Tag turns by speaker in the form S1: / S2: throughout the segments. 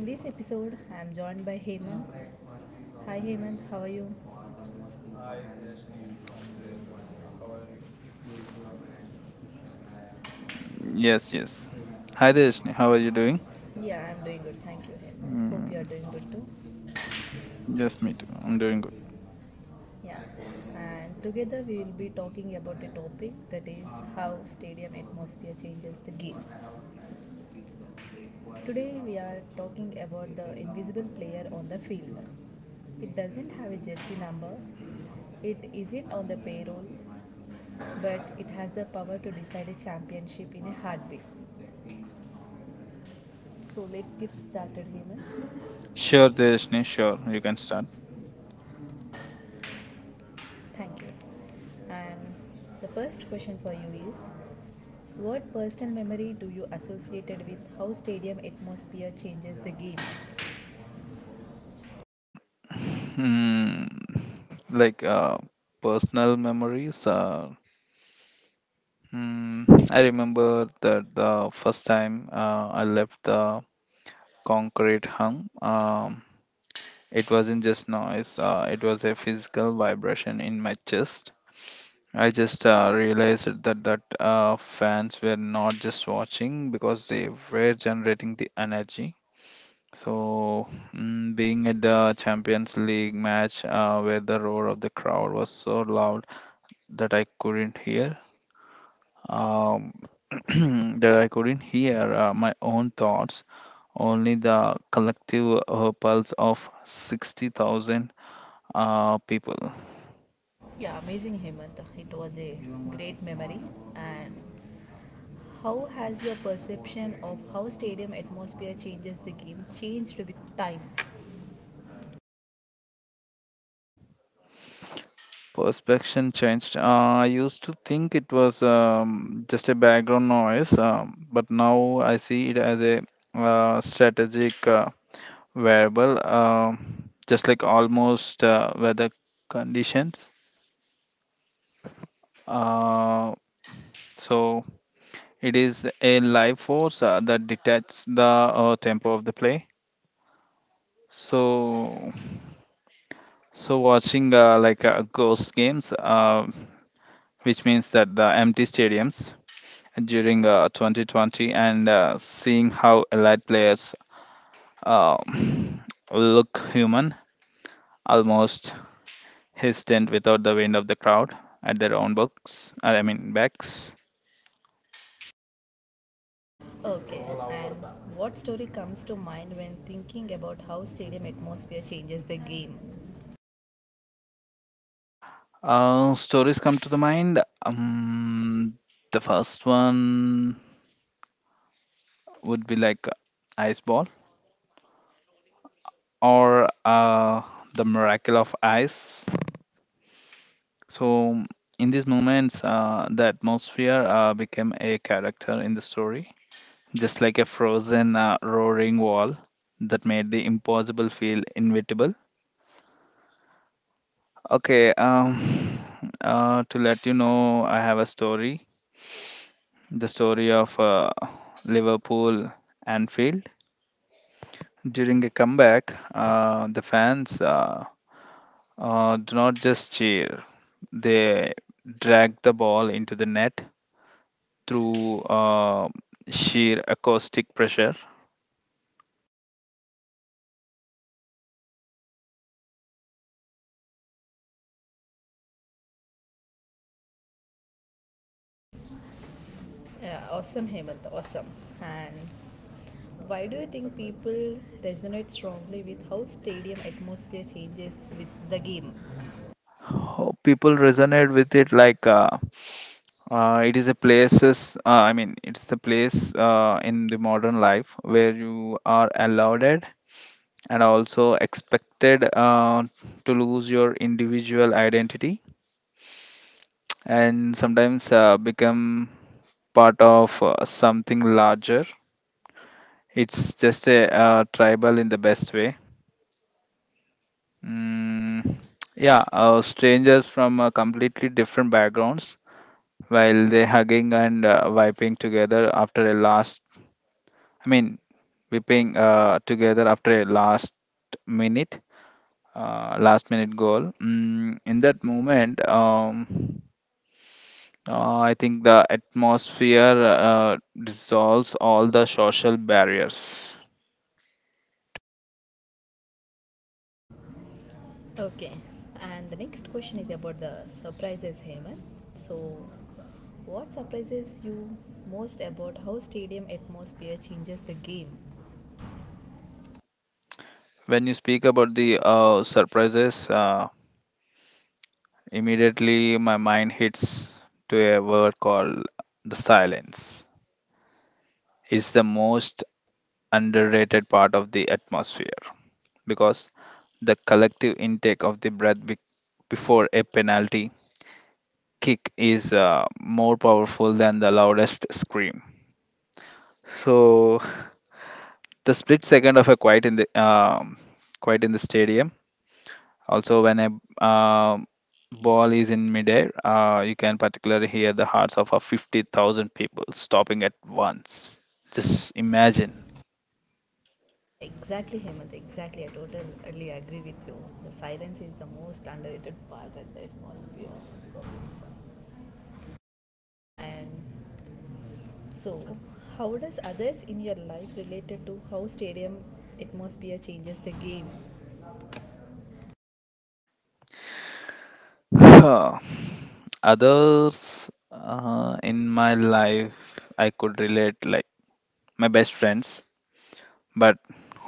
S1: In this episode, I'm joined by Hemant. Hi Hemant, how are you? Hi, Rajni from the how are you? Yes, yes.
S2: Yes, yes.
S1: Hi,
S2: Hi
S1: Rajni.
S2: Deshni,
S1: How
S2: how
S1: are
S2: are you
S1: you
S2: doing?
S1: doing? Yeah, I'm doing good. Thank you Hemant. Hope you're
S2: Mm,
S1: doing good too. Yes.
S2: yes, me too. I'm doing good.
S1: Yeah, and together we will be talking about a topic that is how stadium atmosphere changes the game. Today we are talking about the invisible player on the field. It doesn't have a jersey number, it isn't on the payroll, but it has the power to decide a championship in a heartbeat. So let's get started, Hemant. Sure,
S2: Sure,
S1: sure,
S2: Deshni,
S1: sure, sure.
S2: sure. You
S1: We can
S2: can
S1: start.
S2: start.
S1: Thank you. And the first question for you is, what personal memory do you associated with how stadium atmosphere changes the game?
S2: Hmm. Like uh, personal memories. I remember that the first time I left the concrete hum. It wasn't just noise. It was a physical vibration in my chest. I just realized that fans were not just watching because they were generating the energy. So being at the Champions League match where the roar of the crowd was so loud that I couldn't hear, um, that I couldn't hear my own thoughts, only the collective pulse of 60,000 people.
S1: Yeah, amazing Hemant. It was a great memory. And how has your perception of how stadium atmosphere changes the game changed with time?
S2: Perspection changed. I used to think it was just a background noise, but now I see it as a strategic variable, just like almost weather conditions. Uh, so it is a life force that detects the tempo of the play. So, so watching like ghost games, which means that the empty stadiums during 2020 and seeing how elite players uh, look human, almost hesitant without the wind of the crowd at their own books, I mean backs.
S1: Okay. And what story comes to mind when thinking about how stadium atmosphere changes the game?
S2: Stories come to the mind. The first one would be like ice ball or the miracle of ice. So in these moments, the atmosphere became a character in the story just like a frozen roaring wall that made the impossible feel inevitable. Okay, to let you know, I have a story. The story of Liverpool Anfield. During a comeback, the fans do not just cheer; they drag the ball into the net through sheer acoustic pressure.
S1: Yeah, awesome, Hemant. Awesome. And why do you think people resonate strongly with how stadium atmosphere changes with the game?
S2: Oh, people resonate with it like. It is a places, I mean, it's the place in the modern life where you are allowed it and also expected to lose your individual identity and sometimes become part of something larger. It's just a tribal in the best way. Mm, yeah, strangers from completely different backgrounds while they hugging and vibing together after a last I mean, whipping together after a minute, last minute goal. In that moment, I think the atmosphere dissolves all the social barriers.
S1: Okay. And the next question is about the surprises, Hemant. So, what surprises you most about how stadium atmosphere changes the game?
S2: When you speak about the surprises, immediately my mind hits to a word called the silence. It's the most underrated part of the atmosphere, because the collective intake of the breath before a penalty kick is more powerful than the loudest scream. So the split second of a quiet in the stadium. Also, when a ball is in midair, you can particularly hear the hearts of a 50,000 people stopping at once. Just imagine.
S1: Yeah, exactly, Hemant. Exactly. I totally agree with you. The silence is the most underrated part of the atmosphere. And so, how does others in your life related to how stadium atmosphere changes the game?
S2: Huh. Others in my life, I could relate like my best friends, but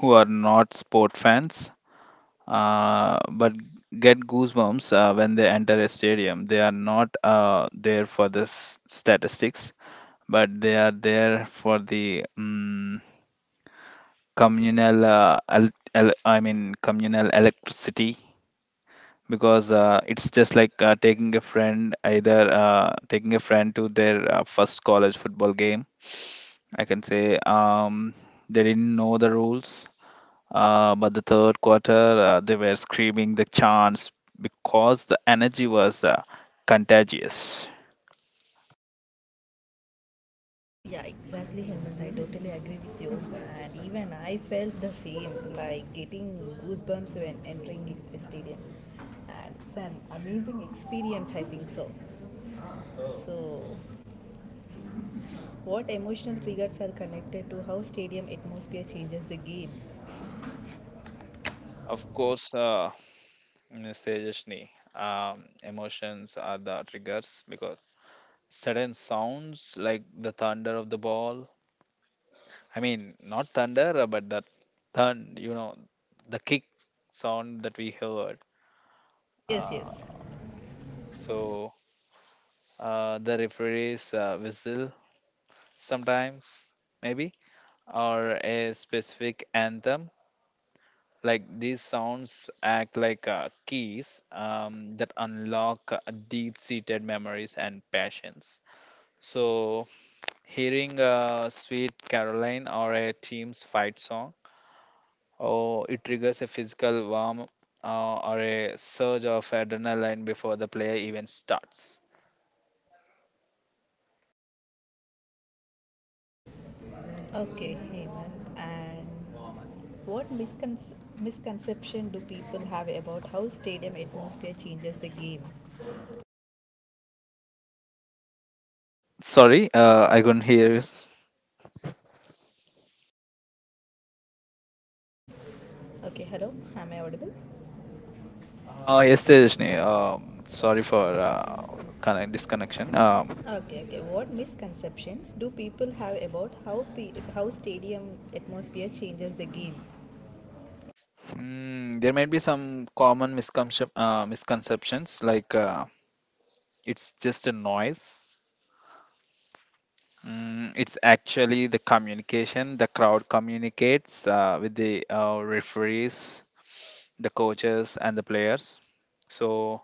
S2: who are not sport fans, but get goosebumps when they enter a stadium. They are not there for the statistics, but they are there for the communal. El- el- I mean, communal electricity because it's just like taking a friend to their first college football game. I can say they didn't know the rules. But the third quarter, they were screaming the chants because the energy was contagious.
S1: Yeah, exactly, Hemant. I totally agree with you. And even I felt the same, like getting goosebumps when entering the stadium. And it's an amazing experience, I think so. So, what emotional triggers are connected to how stadium atmosphere changes the game?
S2: Of course, Ms. Tejaswini, emotions are the triggers because sudden sounds like the thunder of the ball. I mean, not thunder, but that thun, you know, the kick sound that we heard.
S1: Yes,
S2: Uh,
S1: yes.
S2: so the referee's whistle sometimes, maybe, or a specific anthem. Like these sounds act like keys that unlock deep seated memories and passions. So, hearing a sweet Caroline or a team's fight song, or it triggers a physical warm or a surge of adrenaline before the player even starts.
S1: Okay, Hemant. And What miscon- misconception do people have about how stadium atmosphere changes the game?
S2: Sorry, I couldn't hear you.
S1: Okay, hello, am I audible? Uh, yes,
S2: Yes,
S1: Tejashree.
S2: Tejasni.
S1: Sorry
S2: Sorry
S1: for
S2: for
S1: kind of misconnection.
S2: disconnection.
S1: Okay, okay. What misconceptions do people have about how stadium atmosphere changes the game?
S2: There might be some common misconceptions like it's just a noise. It's actually the communication. The crowd communicates with the referees, the coaches, and the players. So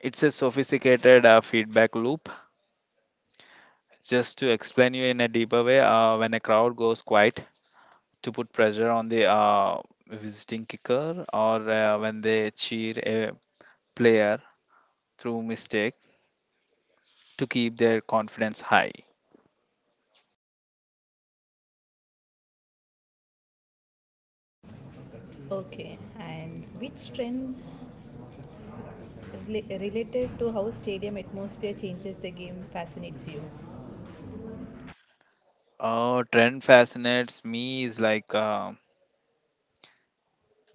S2: it's a sophisticated feedback loop. Just to explain you in a deeper way, when a crowd goes quiet to put pressure on the visiting kicker, or when they cheer a player through mistake to keep their confidence high.
S1: Okay, and which trend related to how stadium atmosphere changes the game fascinates you?
S2: Trend fascinates me is like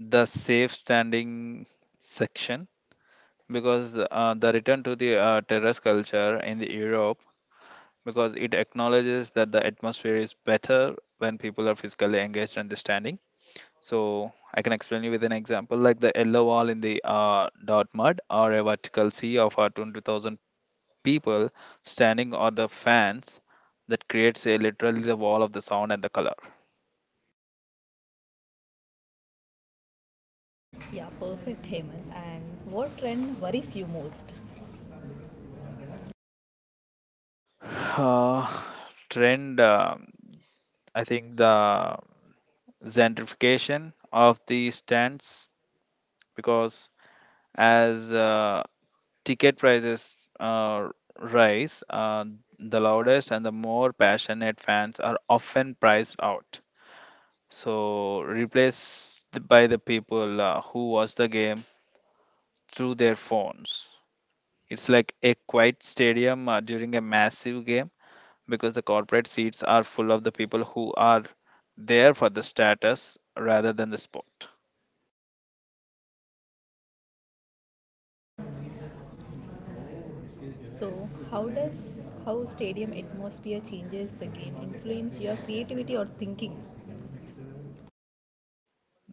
S2: the safe standing section because the return to the terrace culture in the Europe, because it acknowledges that the atmosphere is better when people are physically engaged and they standing. So I can explain you with an example like the yellow wall in the Dortmund or a vertical sea of our 20,000 people standing or the fans that creates a literally the wall of the sound and the color.
S1: Yeah, perfect, Hemant. And what trend worries you most?
S2: Uh, trend, I think the gentrification of the stands because as ticket prices rise, the loudest and the more passionate fans are often priced out. So replaced by the people who watch the game through their phones. It's like a quiet stadium during a massive game because the corporate seats are full of the people who are there for the status rather than the sport.
S1: So, how does how stadium atmosphere changes the game influence your creativity or thinking?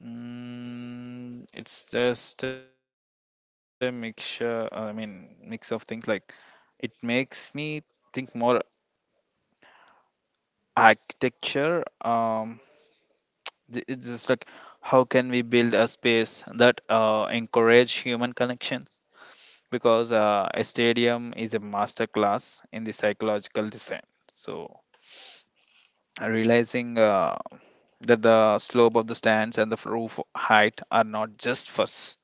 S2: It's just a mix of things like it makes me think more architecture. It's just like how can we build a space that encourage human connections because a stadium is a master class in the psychological design. So realizing that the slope of the stands and the roof height are not just for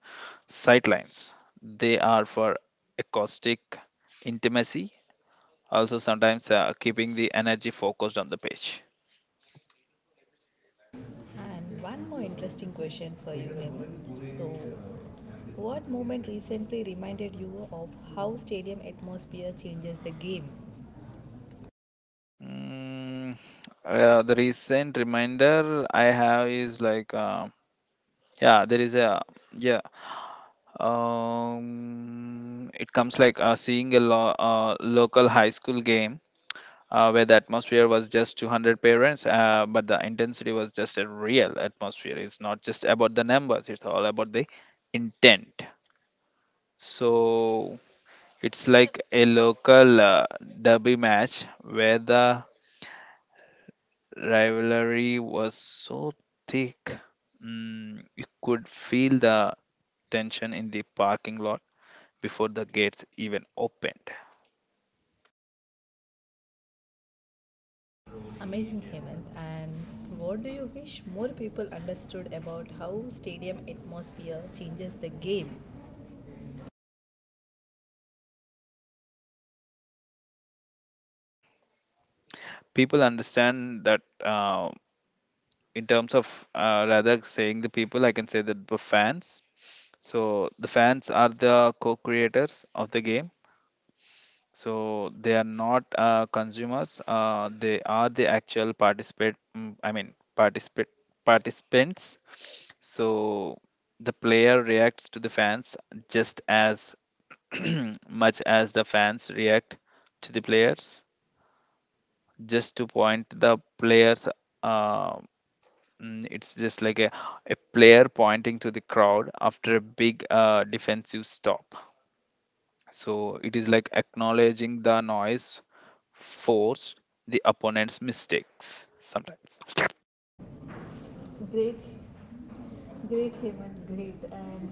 S2: sightlines; they are for acoustic intimacy, also sometimes keeping the energy focused on the page.
S1: And one more interesting question for you, Hemant. So, what moment recently reminded you of how stadium atmosphere changes the game?
S2: Mm, the recent reminder I have is like, yeah, there is a, yeah, it comes like seeing a local high school game where the atmosphere was just 200 parents, but the intensity was just a real atmosphere. It's not just about the numbers, it's all about the intent. So it's like a local derby match where the rivalry was so thick. You could feel the tension in the parking lot before the gates even opened.
S1: Amazing, Hemant. And what do you wish more people understood about how stadium atmosphere changes the game?
S2: People understand that. In terms of rather saying the people, I can say that the fans. So the fans are the co-creators of the game. So they are not consumers. They are the actual participate. Mm, I mean, participate participants. So the player reacts to the fans just as much as the fans react to the players. Just to point the players uh, it's just like a player pointing to the crowd after a big defensive stop. So it is like acknowledging the noise forced the opponent's mistakes sometimes.
S1: Great, great Hemant, great. And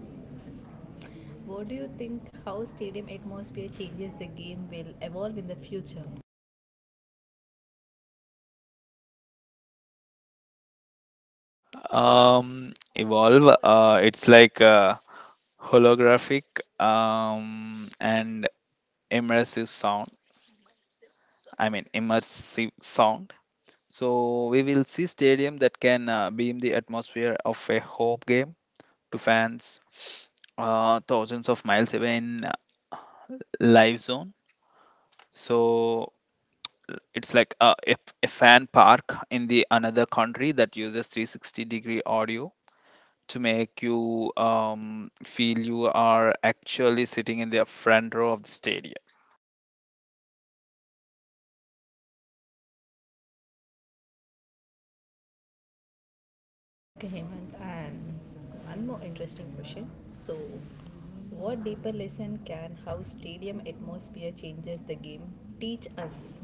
S1: what do you think how stadium atmosphere changes the game will evolve in the future?
S2: Evolve, it's like holographic um, and immersive sound. I mean, immersive sound. So we will see stadium that can beam the atmosphere of a home game to fans thousands of miles away in live zone. So it's like a fan park in the another country that uses 360-degree audio to make you feel you are actually sitting in the front row of the stadium.
S1: Okay, Hemant, and one more interesting question. So, what deeper lesson can how stadium atmosphere changes the game teach us?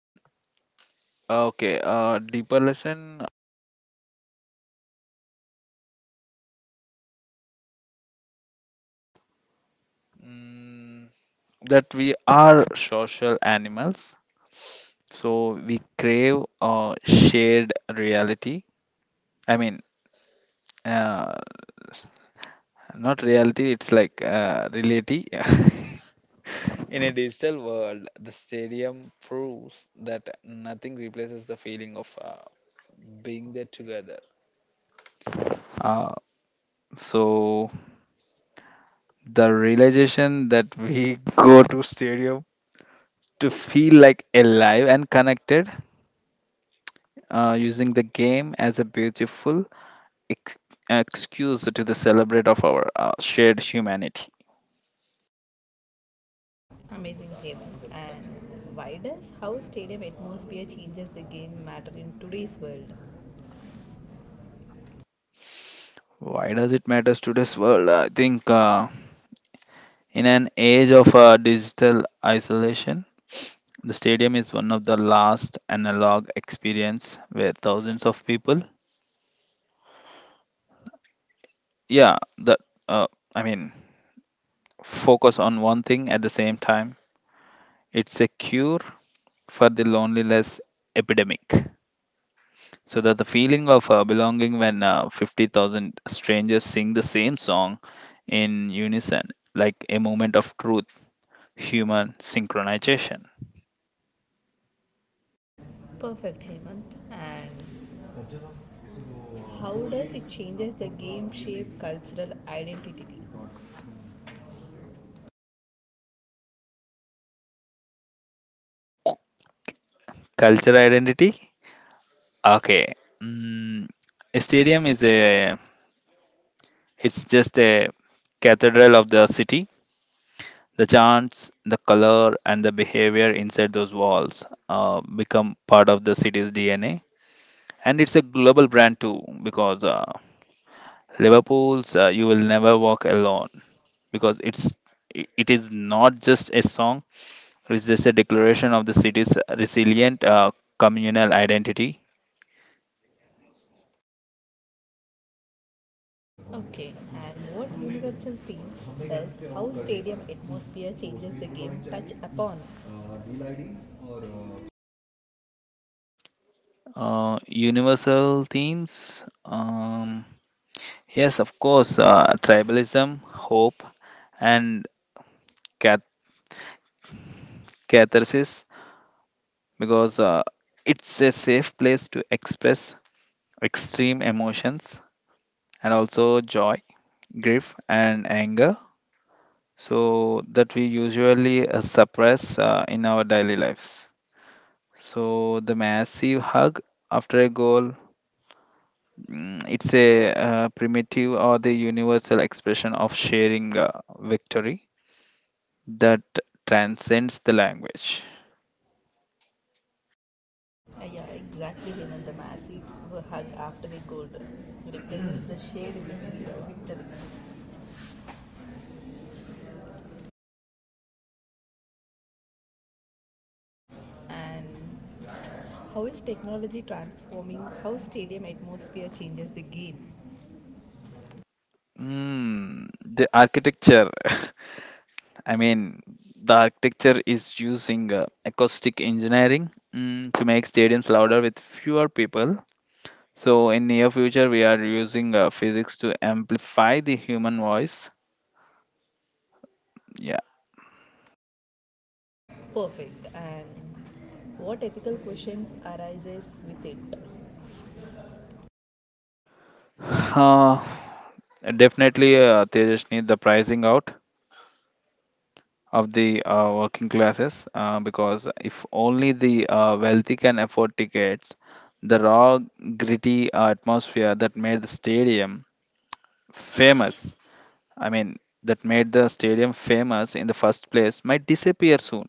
S2: Mm, Okay, deeper lesson, mm, that we are social animals. So we crave shared reality. I mean, uh, Not reality, it's like reality. In a digital world, the stadium proves that nothing replaces the feeling of being there together. Uh, so the realization that we go to stadium to feel like alive and connected, using the game as a beautiful ex- excuse to the celebrate of our shared humanity.
S1: Amazing, Hemant. And why does how stadium atmosphere changes the game matter in today's world?
S2: Why does it matters to this world? I think. In an age of digital isolation, the stadium is one of the last analog experience where thousands of people, yeah, uh, I mean, focus on one thing at the same time. It's a cure for the loneliness epidemic. So that the feeling of belonging when 50,000 strangers sing the same song in unison, like a moment of truth, human synchronization,
S1: Perfect, Hemant. And how does it changes the game shape cultural identity?
S2: cultural identity. Okay. Mm, a stadium is a, it's just a cathedral of the city. The chants, the color, and the behavior inside those walls become part of the city's DNA. And it's a global brand too, because Liverpool's "You Will Never Walk Alone," because it is not just a song; it's just a declaration of the city's resilient communal identity.
S1: Okay, and what universal themes does how stadium atmosphere changes the game touch upon?
S2: Universal themes. Yes, of course, tribalism, hope, and cath- catharsis because it's a safe place to express extreme emotions and also joy, grief, and anger. So that we usually suppress in our daily lives. So the massive hug after a goal, it's a primitive or the universal expression of sharing victory that transcends the language.
S1: Yeah, exactly. Even the massive hug after the goal represents the shared win and victory. And how is technology transforming how stadium atmosphere changes the game?
S2: Mm, the architecture. I mean, the architecture is using acoustic engineering to make stadiums louder with fewer people. So in near future, we are using physics to amplify the human voice. Yeah.
S1: Perfect. And what ethical questions arises with it?
S2: uh, Definitely, Tejas need the pricing out of the working classes because if only the wealthy can afford tickets, the raw, gritty atmosphere that made the stadium famous, I mean, that made the stadium famous in the first place might disappear soon.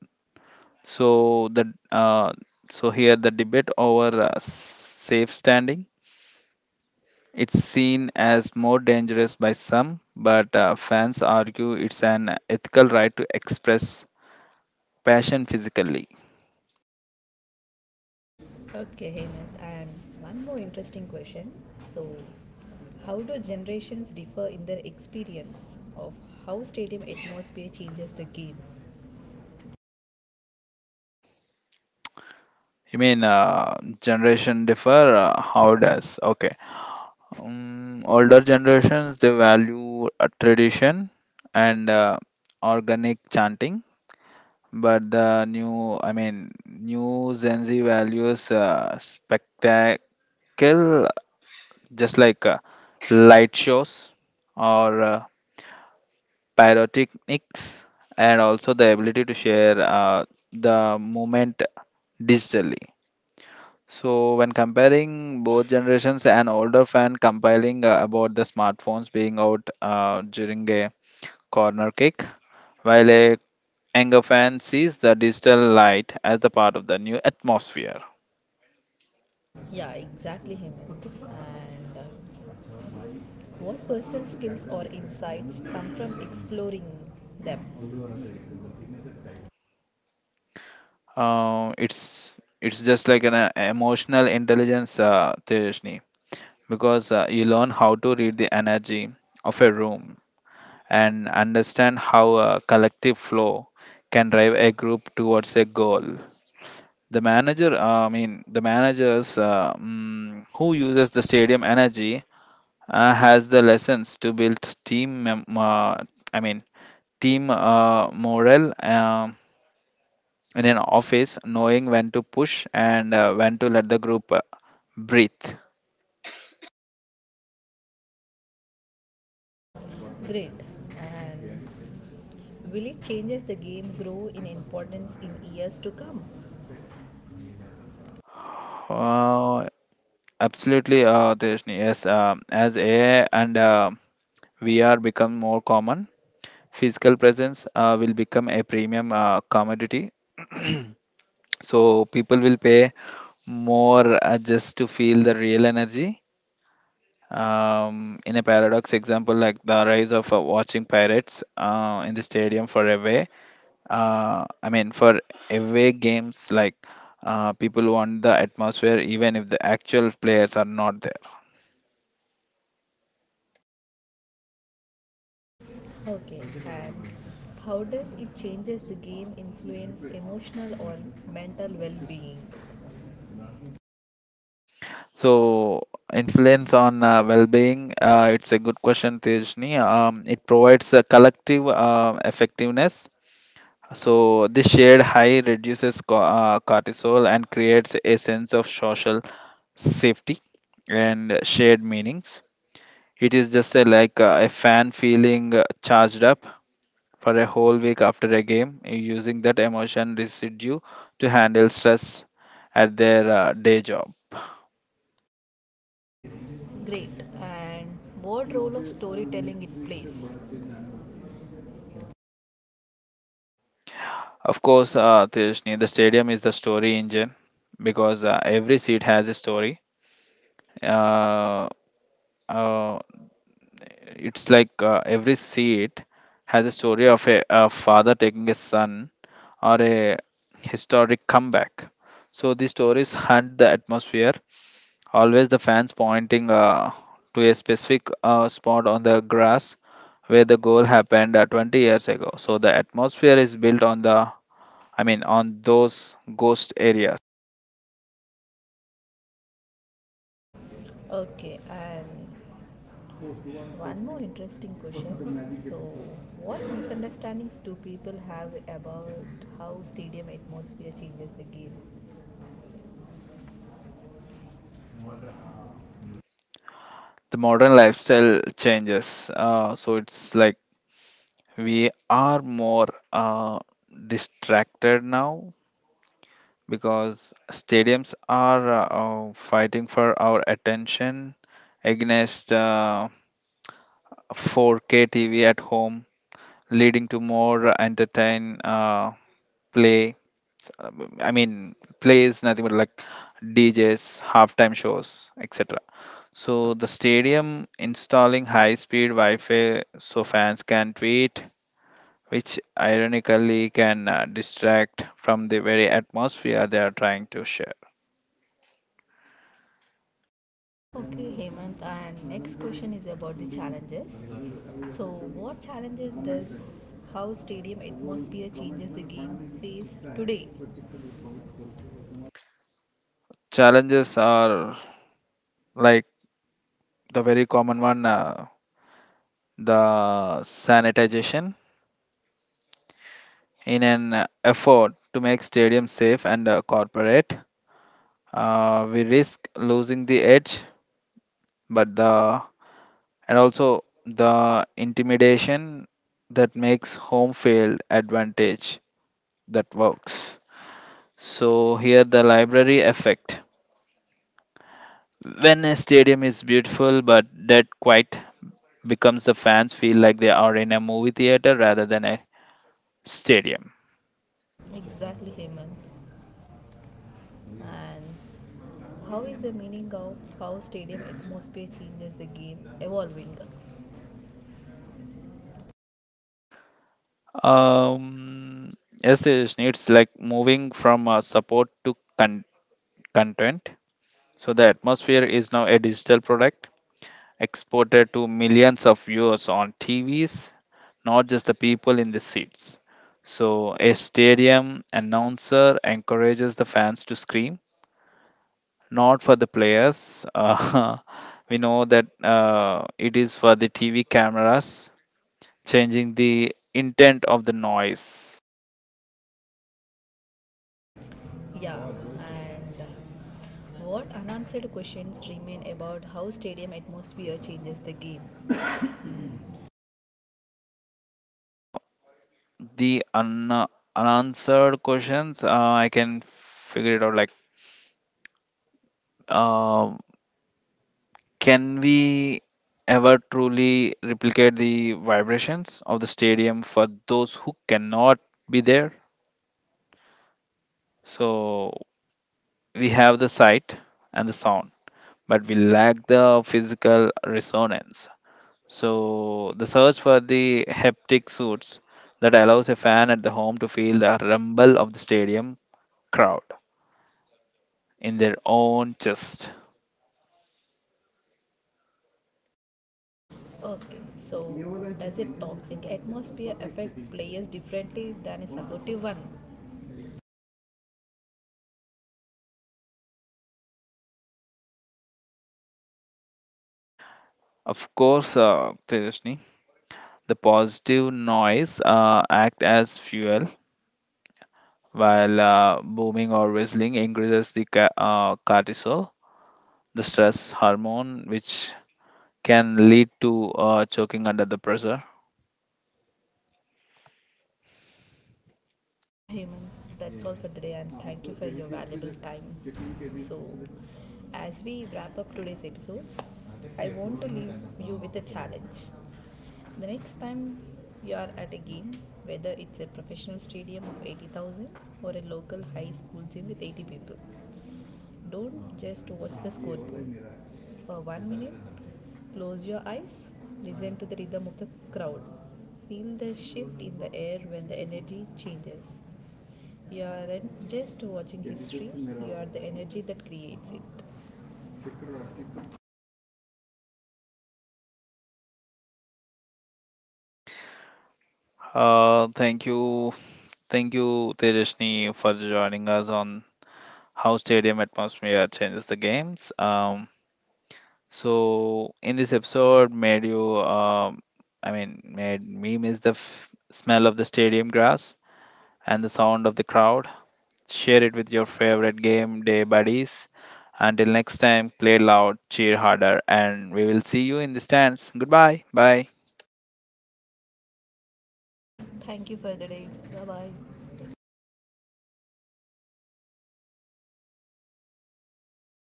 S2: So the uh, so here the debate over safe standing, it's seen as more dangerous by some, but fans argue it's an ethical right to express passion physically.
S1: Okay, Hemant. And one more interesting question. So, how do generations differ in their experience of how stadium atmosphere changes the game?
S2: You mean generation differ? How does? Okay. Older generations they value tradition and organic chanting, but the new I mean new gen Z values spectacle, just like light shows or pyrotechnics, and also the ability to share the moment digitally. So when comparing both generations, an older fan compiling about the smartphones being out during a corner kick, while a younger fan sees the digital light as the part of the new atmosphere.
S1: Yeah, exactly, Hemant. And what personal skills or insights come from exploring them?
S2: It's just like an emotional intelligence, Tejasni, because you learn how to read the energy of a room and understand how a collective flow can drive a group towards a goal. The managers, who uses the stadium energy, has the lessons to build team mem- I mean team morale, in an office, knowing when to push and when to let the group breathe.
S1: Great. And will it changes the game grow in importance in years to come?
S2: Uh, absolutely, Tejasni. Yes, as AI and VR become more common, physical presence will become a premium commodity. So people will pay more just to feel the real energy. In a paradox example, like the rise of watching pirates in the stadium for a way I mean, for away games, like people want the atmosphere, even if the actual players are not there.
S1: Okay, and how does it changes the game influence emotional or mental well-being?
S2: So, influence on well-being, it's a good question, Tejni. It provides a collective effectiveness. So, this shared high reduces cortisol and creates a sense of social safety and shared meanings. It is just a, like a fan feeling charged up for a whole week after a game, using that emotion residue to handle stress at their day job.
S1: Great. And what role of storytelling it plays?
S2: Of course, Tejasni, the stadium is the story engine, because every seat has a story. Uh, uh, it's like every seat has a story of a father taking a son or a historic comeback. So these stories hunt the atmosphere. Always the fans pointing to a specific spot on the grass where the goal happened 20 years ago. So the atmosphere is built on I mean, on those ghost areas.
S1: Okay, and one more interesting question. So, what misunderstandings do people have about how stadium atmosphere changes the game?
S2: The modern lifestyle changes. So it's like we are more distracted now, because stadiums are fighting for our attention against 4K TV at home, leading to more entertain play. I mean, play is nothing but like DJs, halftime shows, etc. So the stadium installing high-speed Wi-Fi so fans can tweet, which ironically can distract from the very atmosphere they are trying to share.
S1: Okay, Hemant, and next question is about the challenges. So, what challenges does how stadium atmosphere changes the game face today?
S2: Challenges are like the very common one, the sanitization in an effort to make stadiums safe and corporate. We risk losing the edge, but the and also the intimidation that makes home field advantage that works. So here the library effect, when a stadium is beautiful but dead quiet, becomes the fans feel like they are in a movie theater rather than a stadium.
S1: Exactly, Hemant. And how is the meaning of how stadium atmosphere changes the game evolving?
S2: um yes, it's like moving from support to content. So the atmosphere is now a digital product exported to millions of viewers on TVs, not just the people in the seats. So, a stadium announcer encourages the fans to scream, not for the players. We know that it is for the TV cameras, changing the intent of the noise.
S1: Yeah, and what unanswered questions remain about how stadium atmosphere changes the game?
S2: Uh, the un- Unanswered questions, I can figure it out like. um Can we ever truly replicate the vibrations of the stadium for those who cannot be there? So we have the sight and the sound, but we lack the physical resonance. So the search for the haptic suits that allows a fan at the home to feel the rumble of the stadium crowd in their own chest.
S1: Okay, so does a toxic atmosphere affect players differently than a supportive one?
S2: Of course, Tejasni, the positive noise act as fuel, while booming or whistling increases the cortisol, the stress hormone, which can lead to choking under the pressure.
S1: Yeah, Hemant, that's all for today and thank you for your valuable time. So, as we wrap up today's episode, I want to leave you with a challenge. The next time you are at a game, whether it's a professional stadium of 80,000 or a local high school gym with 80 people, don't just watch the scoreboard. For 1 minute, close your eyes, listen to the rhythm of the crowd. Feel the shift in the air when the energy changes. You aren't just watching history, you are the energy that creates it.
S2: Uh, thank you, thank you, Tejashni, for joining us on how stadium atmosphere changes the games. So in this episode, made you, I mean, made me miss the smell of the stadium grass and the sound of the crowd. Share it with your favorite game day buddies. Until next time, play loud, cheer harder, and we will see you in the stands. Goodbye. Bye.
S1: Thank you for the day. Bye bye.